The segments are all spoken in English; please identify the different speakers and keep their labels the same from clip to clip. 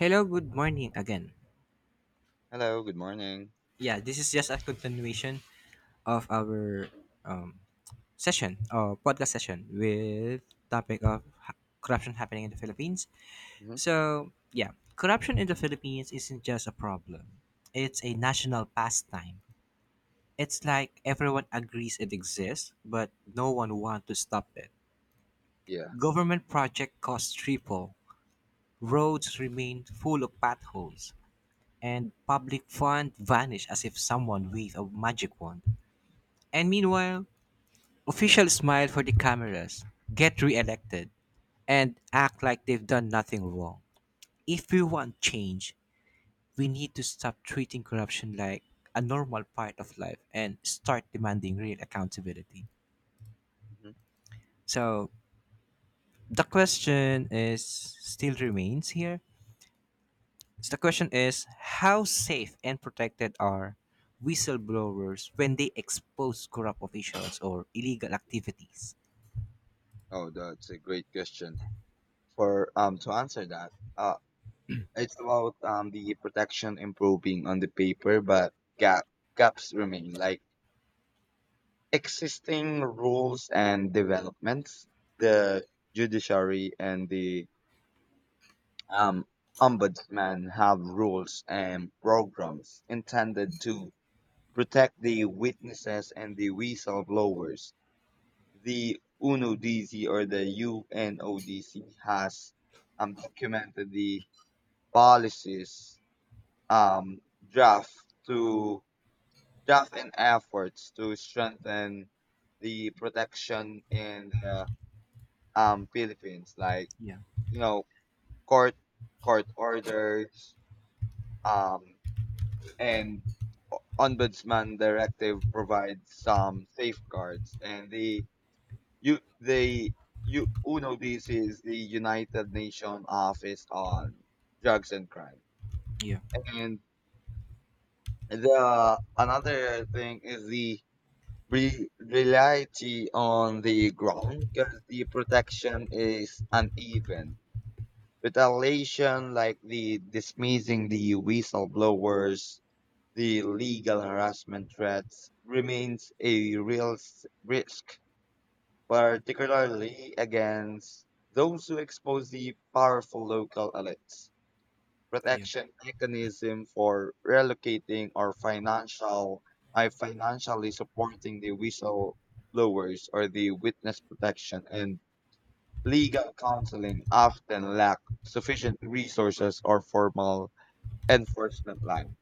Speaker 1: Hello, good morning again.
Speaker 2: Hello, good morning.
Speaker 1: Yeah, this is just a continuation of our um, session or podcast session with topic of corruption happening in the Philippines.
Speaker 2: hmm
Speaker 1: So yeah, corruption in the Philippines isn't just a problem; it's a national pastime. It's like everyone agrees it exists, but no one wants to stop it.
Speaker 2: Yeah.
Speaker 1: Government project costs triple. Roads remain full of potholes, and public fund vanished as if someone waved a magic wand. And meanwhile, officials smile for the cameras, get re-elected, and act like they've done nothing wrong. If we want change, we need to stop treating corruption like a normal part of life and start demanding real accountability.
Speaker 2: hmm
Speaker 1: So the question is still remains here So the question is, how safe and protected are whistleblowers when they expose corrupt officials or illegal activities?
Speaker 2: Oh, that's a great question. For to answer that, it's about the protection improving on the paper, but gap gaps remain like existing rules and developments. The judiciary and the um ombudsman have rules and programs intended to protect the witnesses and the whistleblowers. The UNODC or the UNODC has documented the policies, um, draft to draft and efforts to strengthen the protection in the Philippines, like
Speaker 1: Yeah,
Speaker 2: you know court court orders, um, and ombudsman directive provide some safeguards. And the You they you Uno, this is the United Nations Office on Drugs and Crime.
Speaker 1: yeah,
Speaker 2: And the another thing is the reality on the ground, because the protection is uneven. Retaliation like the dismissing the whistleblowers, the legal harassment threats remains a real risk, particularly against those who expose the powerful local elites.
Speaker 1: yeah,
Speaker 2: Protection mechanism for relocating or financial I financially supporting the whistleblowers or the witness protection and legal counseling often lack sufficient resources or formal enforcement line.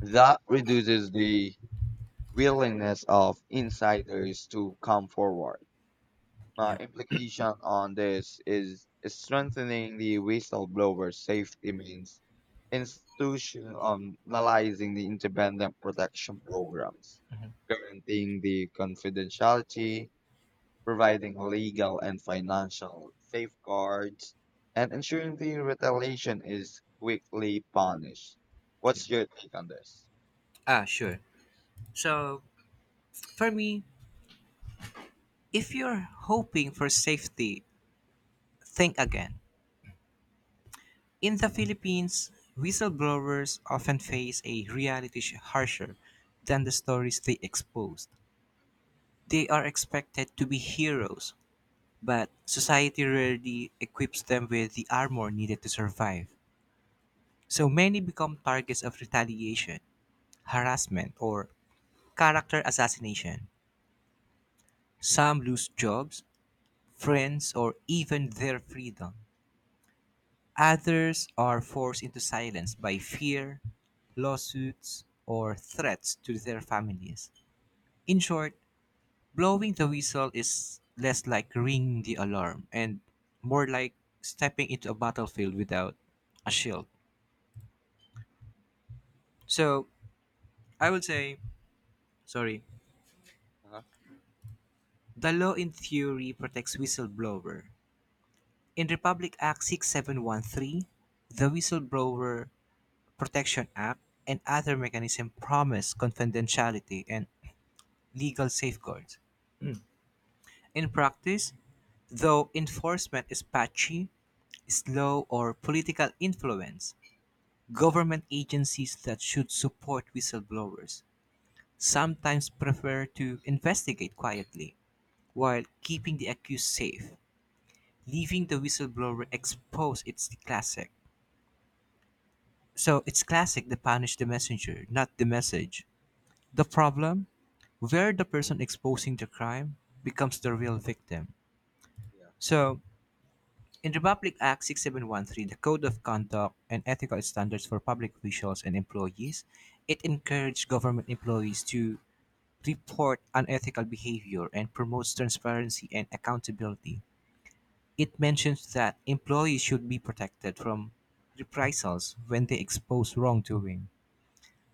Speaker 2: That reduces the willingness of insiders to come forward.
Speaker 1: yeah,
Speaker 2: Implication on this is strengthening the whistleblower safety means institutionalizing the independent protection programs, guaranteeing the confidentiality, providing legal and financial safeguards, and ensuring the retaliation is quickly punished.
Speaker 1: yeah.
Speaker 2: What's your take on this?
Speaker 1: Ah, sure. So, for me, if you're hoping for safety, think again. In the Philippines, whistleblowers often face a reality harsher than the stories they exposed. They are expected to be heroes, but society rarely equips them with the armor needed to survive. So many become targets of retaliation, harassment, or character assassination. Some lose jobs, friends, or even their freedom. Others are forced into silence by fear, lawsuits, or threats to their families. In short, blowing the whistle is less like ringing the alarm and more like stepping into a battlefield without a shield. So I would say, sorry,
Speaker 2: Uh-huh.
Speaker 1: the law in theory protects whistleblower. In Republic Act 6713, the Whistleblower Protection Act, and other mechanisms promise confidentiality and legal safeguards. In practice, though, enforcement is patchy, slow, or political influence. Government agencies that should support whistleblowers sometimes prefer to investigate quietly while keeping the accused safe, leaving the whistleblower exposed. It's the classic. So it's classic to punish the messenger, not the message. The problem? Where the person exposing the crime becomes the real victim.
Speaker 2: Yeah.
Speaker 1: So, in Republic Act 6713, the Code of Conduct and Ethical Standards for Public Officials and Employees, it encourages government employees to report unethical behavior and promotes transparency and accountability. It mentions that employees should be protected from reprisals when they expose wrongdoing.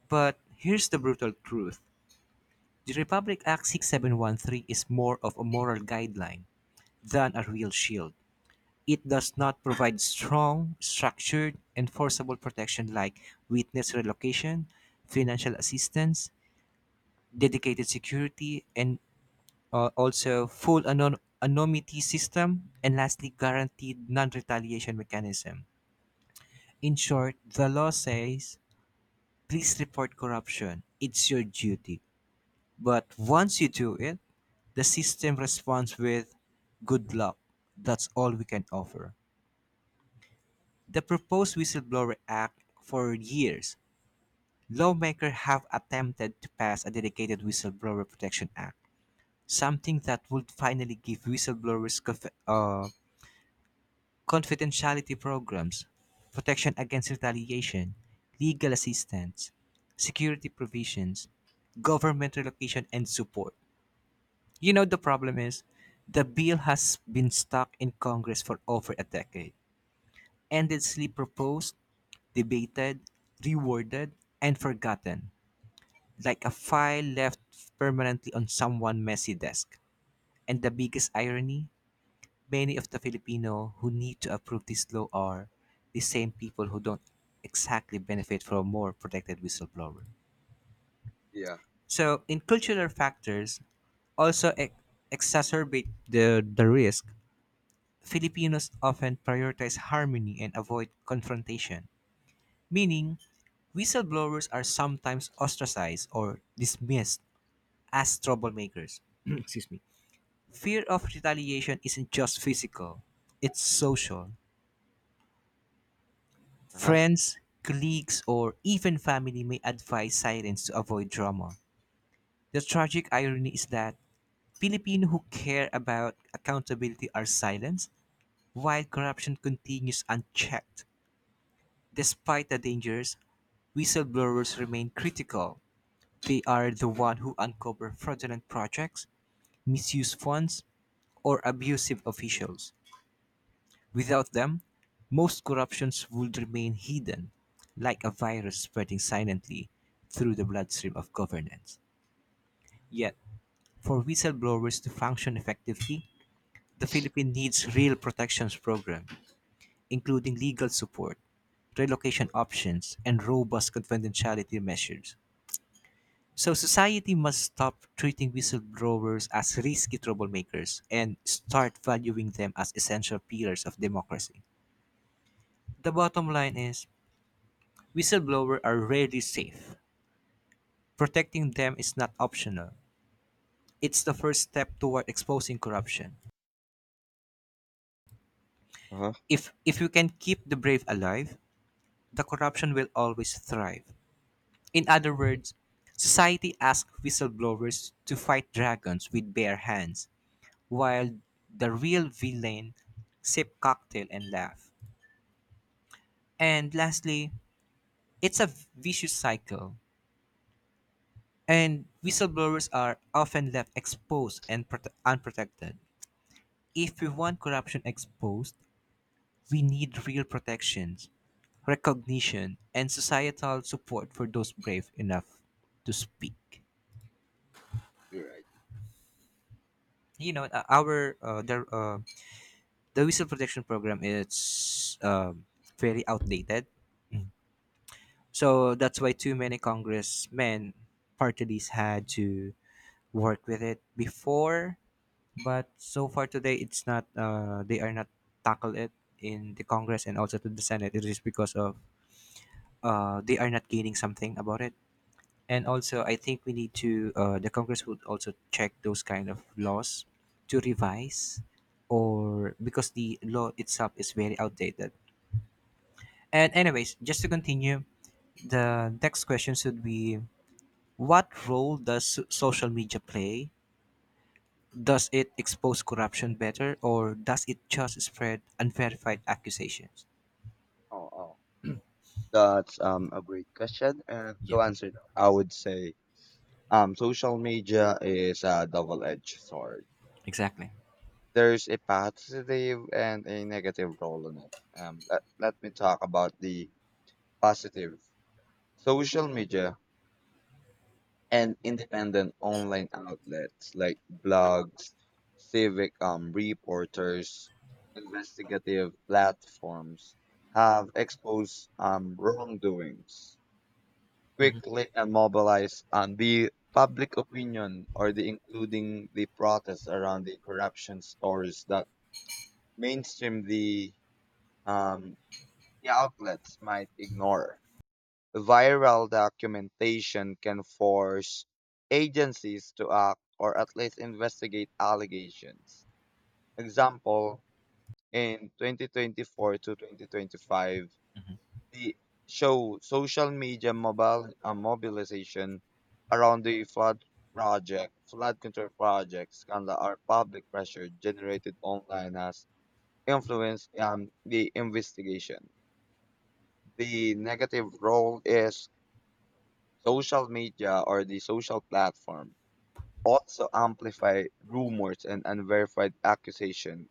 Speaker 1: But here's the brutal truth: the Republic Act 6713 is more of a moral guideline than a real shield. It does not provide strong, structured, enforceable protection like witness relocation, financial assistance, dedicated security, and also full anonymity system, and lastly, guaranteed non retaliation mechanism. In short, the law says, please report corruption. It's your duty. But once you do it, the system responds with, good luck. That's all we can offer. The proposed Whistleblower Act: for years, lawmakers have attempted to pass a dedicated Whistleblower Protection Act, something that would finally give whistleblowers confidentiality programs, protection against retaliation, legal assistance, security provisions, government relocation, and support. You know, the problem is the bill has been stuck in Congress for over a decade, endlessly proposed, debated, reworded, and forgotten, like a file left permanently on someone's messy desk. And the biggest irony? Many of the Filipino who need to approve this law are the same people who don't exactly benefit from a more protected whistleblower.
Speaker 2: Yeah.
Speaker 1: So, in cultural factors, also exacerbate the risk. Filipinos often prioritize harmony and avoid confrontation, meaning whistleblowers are sometimes ostracized or dismissed as troublemakers. Excuse me. Fear of retaliation isn't just physical, it's social.
Speaker 2: Uh-huh.
Speaker 1: Friends, colleagues, or even family may advise silence to avoid drama. The tragic irony is that Filipinos who care about accountability are silenced, while corruption continues unchecked. Despite the dangers, whistleblowers remain critical. They are the one who uncover fraudulent projects, misuse funds, or abusive officials. Without them, most corruptions would remain hidden, like a virus spreading silently through the bloodstream of governance. Yet, for whistleblowers to function effectively, the Philippines needs real protections program, including legal support, relocation options, and robust confidentiality measures. So society must stop treating whistleblowers as risky troublemakers and start valuing them as essential pillars of democracy. The bottom line is, whistleblowers are rarely safe. Protecting them is not optional. It's the first step toward exposing corruption.
Speaker 2: Uh-huh.
Speaker 1: If you can keep the brave alive, the corruption will always thrive. In other words, society asks whistleblowers to fight dragons with bare hands, while the real villain sip cocktail and laugh. And lastly, it's a vicious cycle, and whistleblowers are often left exposed and unprotected. If we want corruption exposed, we need real protections, recognition, and societal support for those brave enough to speak.
Speaker 2: You're right.
Speaker 1: You know, our the whistle protection program is very outdated. So that's why too many congressmen, parties had to work with it before. But so far today, it's not. They are not tackle it in the Congress and also to the Senate. It is because of they are not gaining something about it. And also, I think we need to the Congress would also check those kind of laws to revise, or because the law itself is very outdated. And anyways, just to continue, the next question should be: what role does social media play? Does it expose corruption better, or does it just spread unverified accusations?
Speaker 2: Oh, oh. That's a great question. And
Speaker 1: Yeah,
Speaker 2: to answer that, I would say social media is a double-edged sword.
Speaker 1: exactly.
Speaker 2: There's a positive and a negative role in it. Let me talk about the positive. Social media and independent online outlets like blogs, civic reporters, investigative platforms have exposed wrongdoings quickly and mobilize on the public opinion, or the including the protests around the corruption stories that mainstream um the outlets might ignore. Viral documentation can force agencies to act or at least investigate allegations. Example, in 2024 to 2025, the show social media mobile mobilization around the flood control project scandal or public pressure generated online has influenced, the investigation. The negative role is social media or the social platform also amplify rumors and unverified accusation,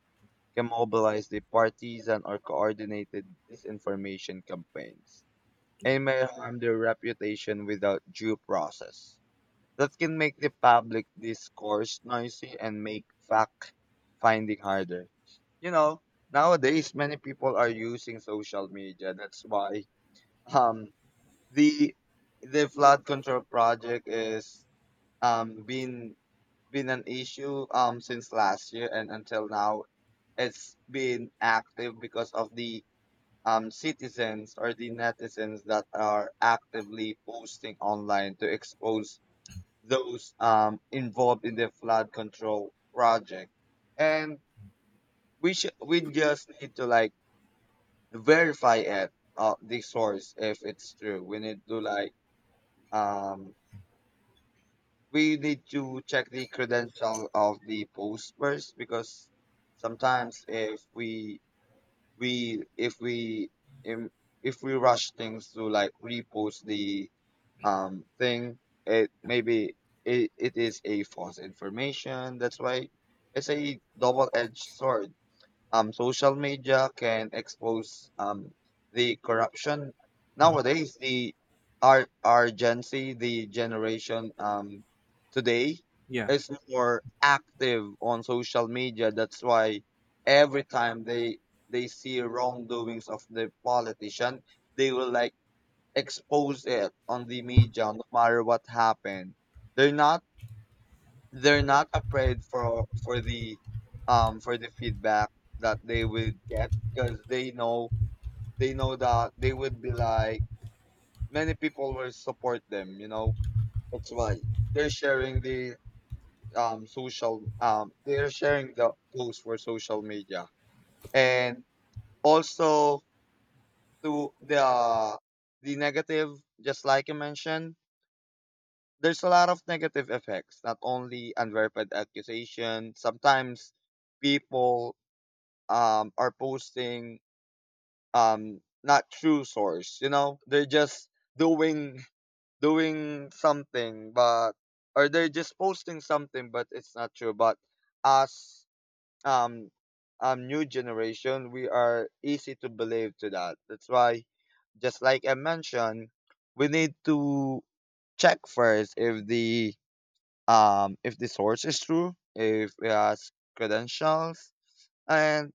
Speaker 2: can mobilize the partisan or coordinated disinformation campaigns and may harm their reputation without due process. That can make the public discourse noisy and make fact finding harder. You know, nowadays many people are using social media. That's why, um the flood control project is um been been an issue since last year, and until now it's been active because of the citizens or the netizens that are actively posting online to expose those, involved in the flood control project. And we just need to like verify it, the source, if it's true. We need to like um we need to check the credential of the post first, because sometimes if we we if we im if we rush things to like repost the thing, it maybe it, it is a false information. That's why it's a double-edged sword. Social media can expose, the corruption. Nowadays, the our Gen Z, the generation today,
Speaker 1: Yeah,
Speaker 2: is more active on social media. That's why every time they see wrongdoings of the politician, they will like expose it on the media, no matter what happened. They're not they're not afraid for the feedback that they would get, because they know that they would be like many people will support them, you know. That's why they're sharing the social they're sharing the post for social media. And also, to the negative, just like you mentioned, there's a lot of negative effects. Not only unverified accusation, sometimes people are posting not true source, you know. They're just doing doing something, but, or they're just posting something but it's not true. But us, um new generation, we are easy to believe to that. That's why, just like I mentioned, we need to check first if the, if the source is true, if it has credentials. And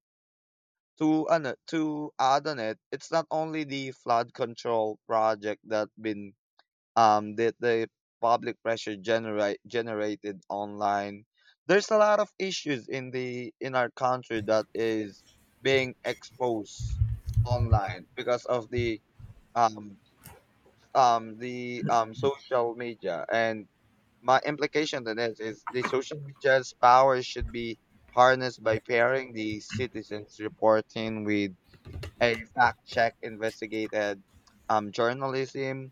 Speaker 2: to, ano, to add on it, it's not only the flood control project that been that the public pressure generated online. There's a lot of issues in the in our country that is being exposed online, because of the um social media. And my implication to this is the social media's power should be harnessed by pairing the citizens reporting with a fact check investigated, journalism,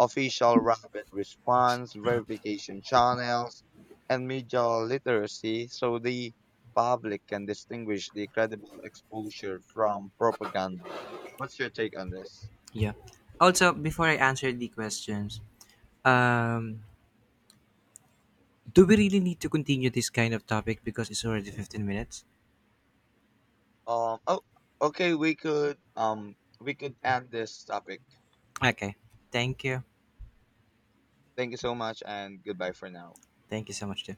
Speaker 2: official rapid response, verification channels, and media literacy, so the public can distinguish the credible exposure from propaganda. What's your take on this?
Speaker 1: yeah. Also, before I answer the questions, Um, do we really need to continue this kind of topic because it's already 15 minutes?
Speaker 2: Um, oh, okay, we could end this topic.
Speaker 1: Okay. Thank you.
Speaker 2: Thank you so much and goodbye for now.
Speaker 1: Thank you so much, Tiff.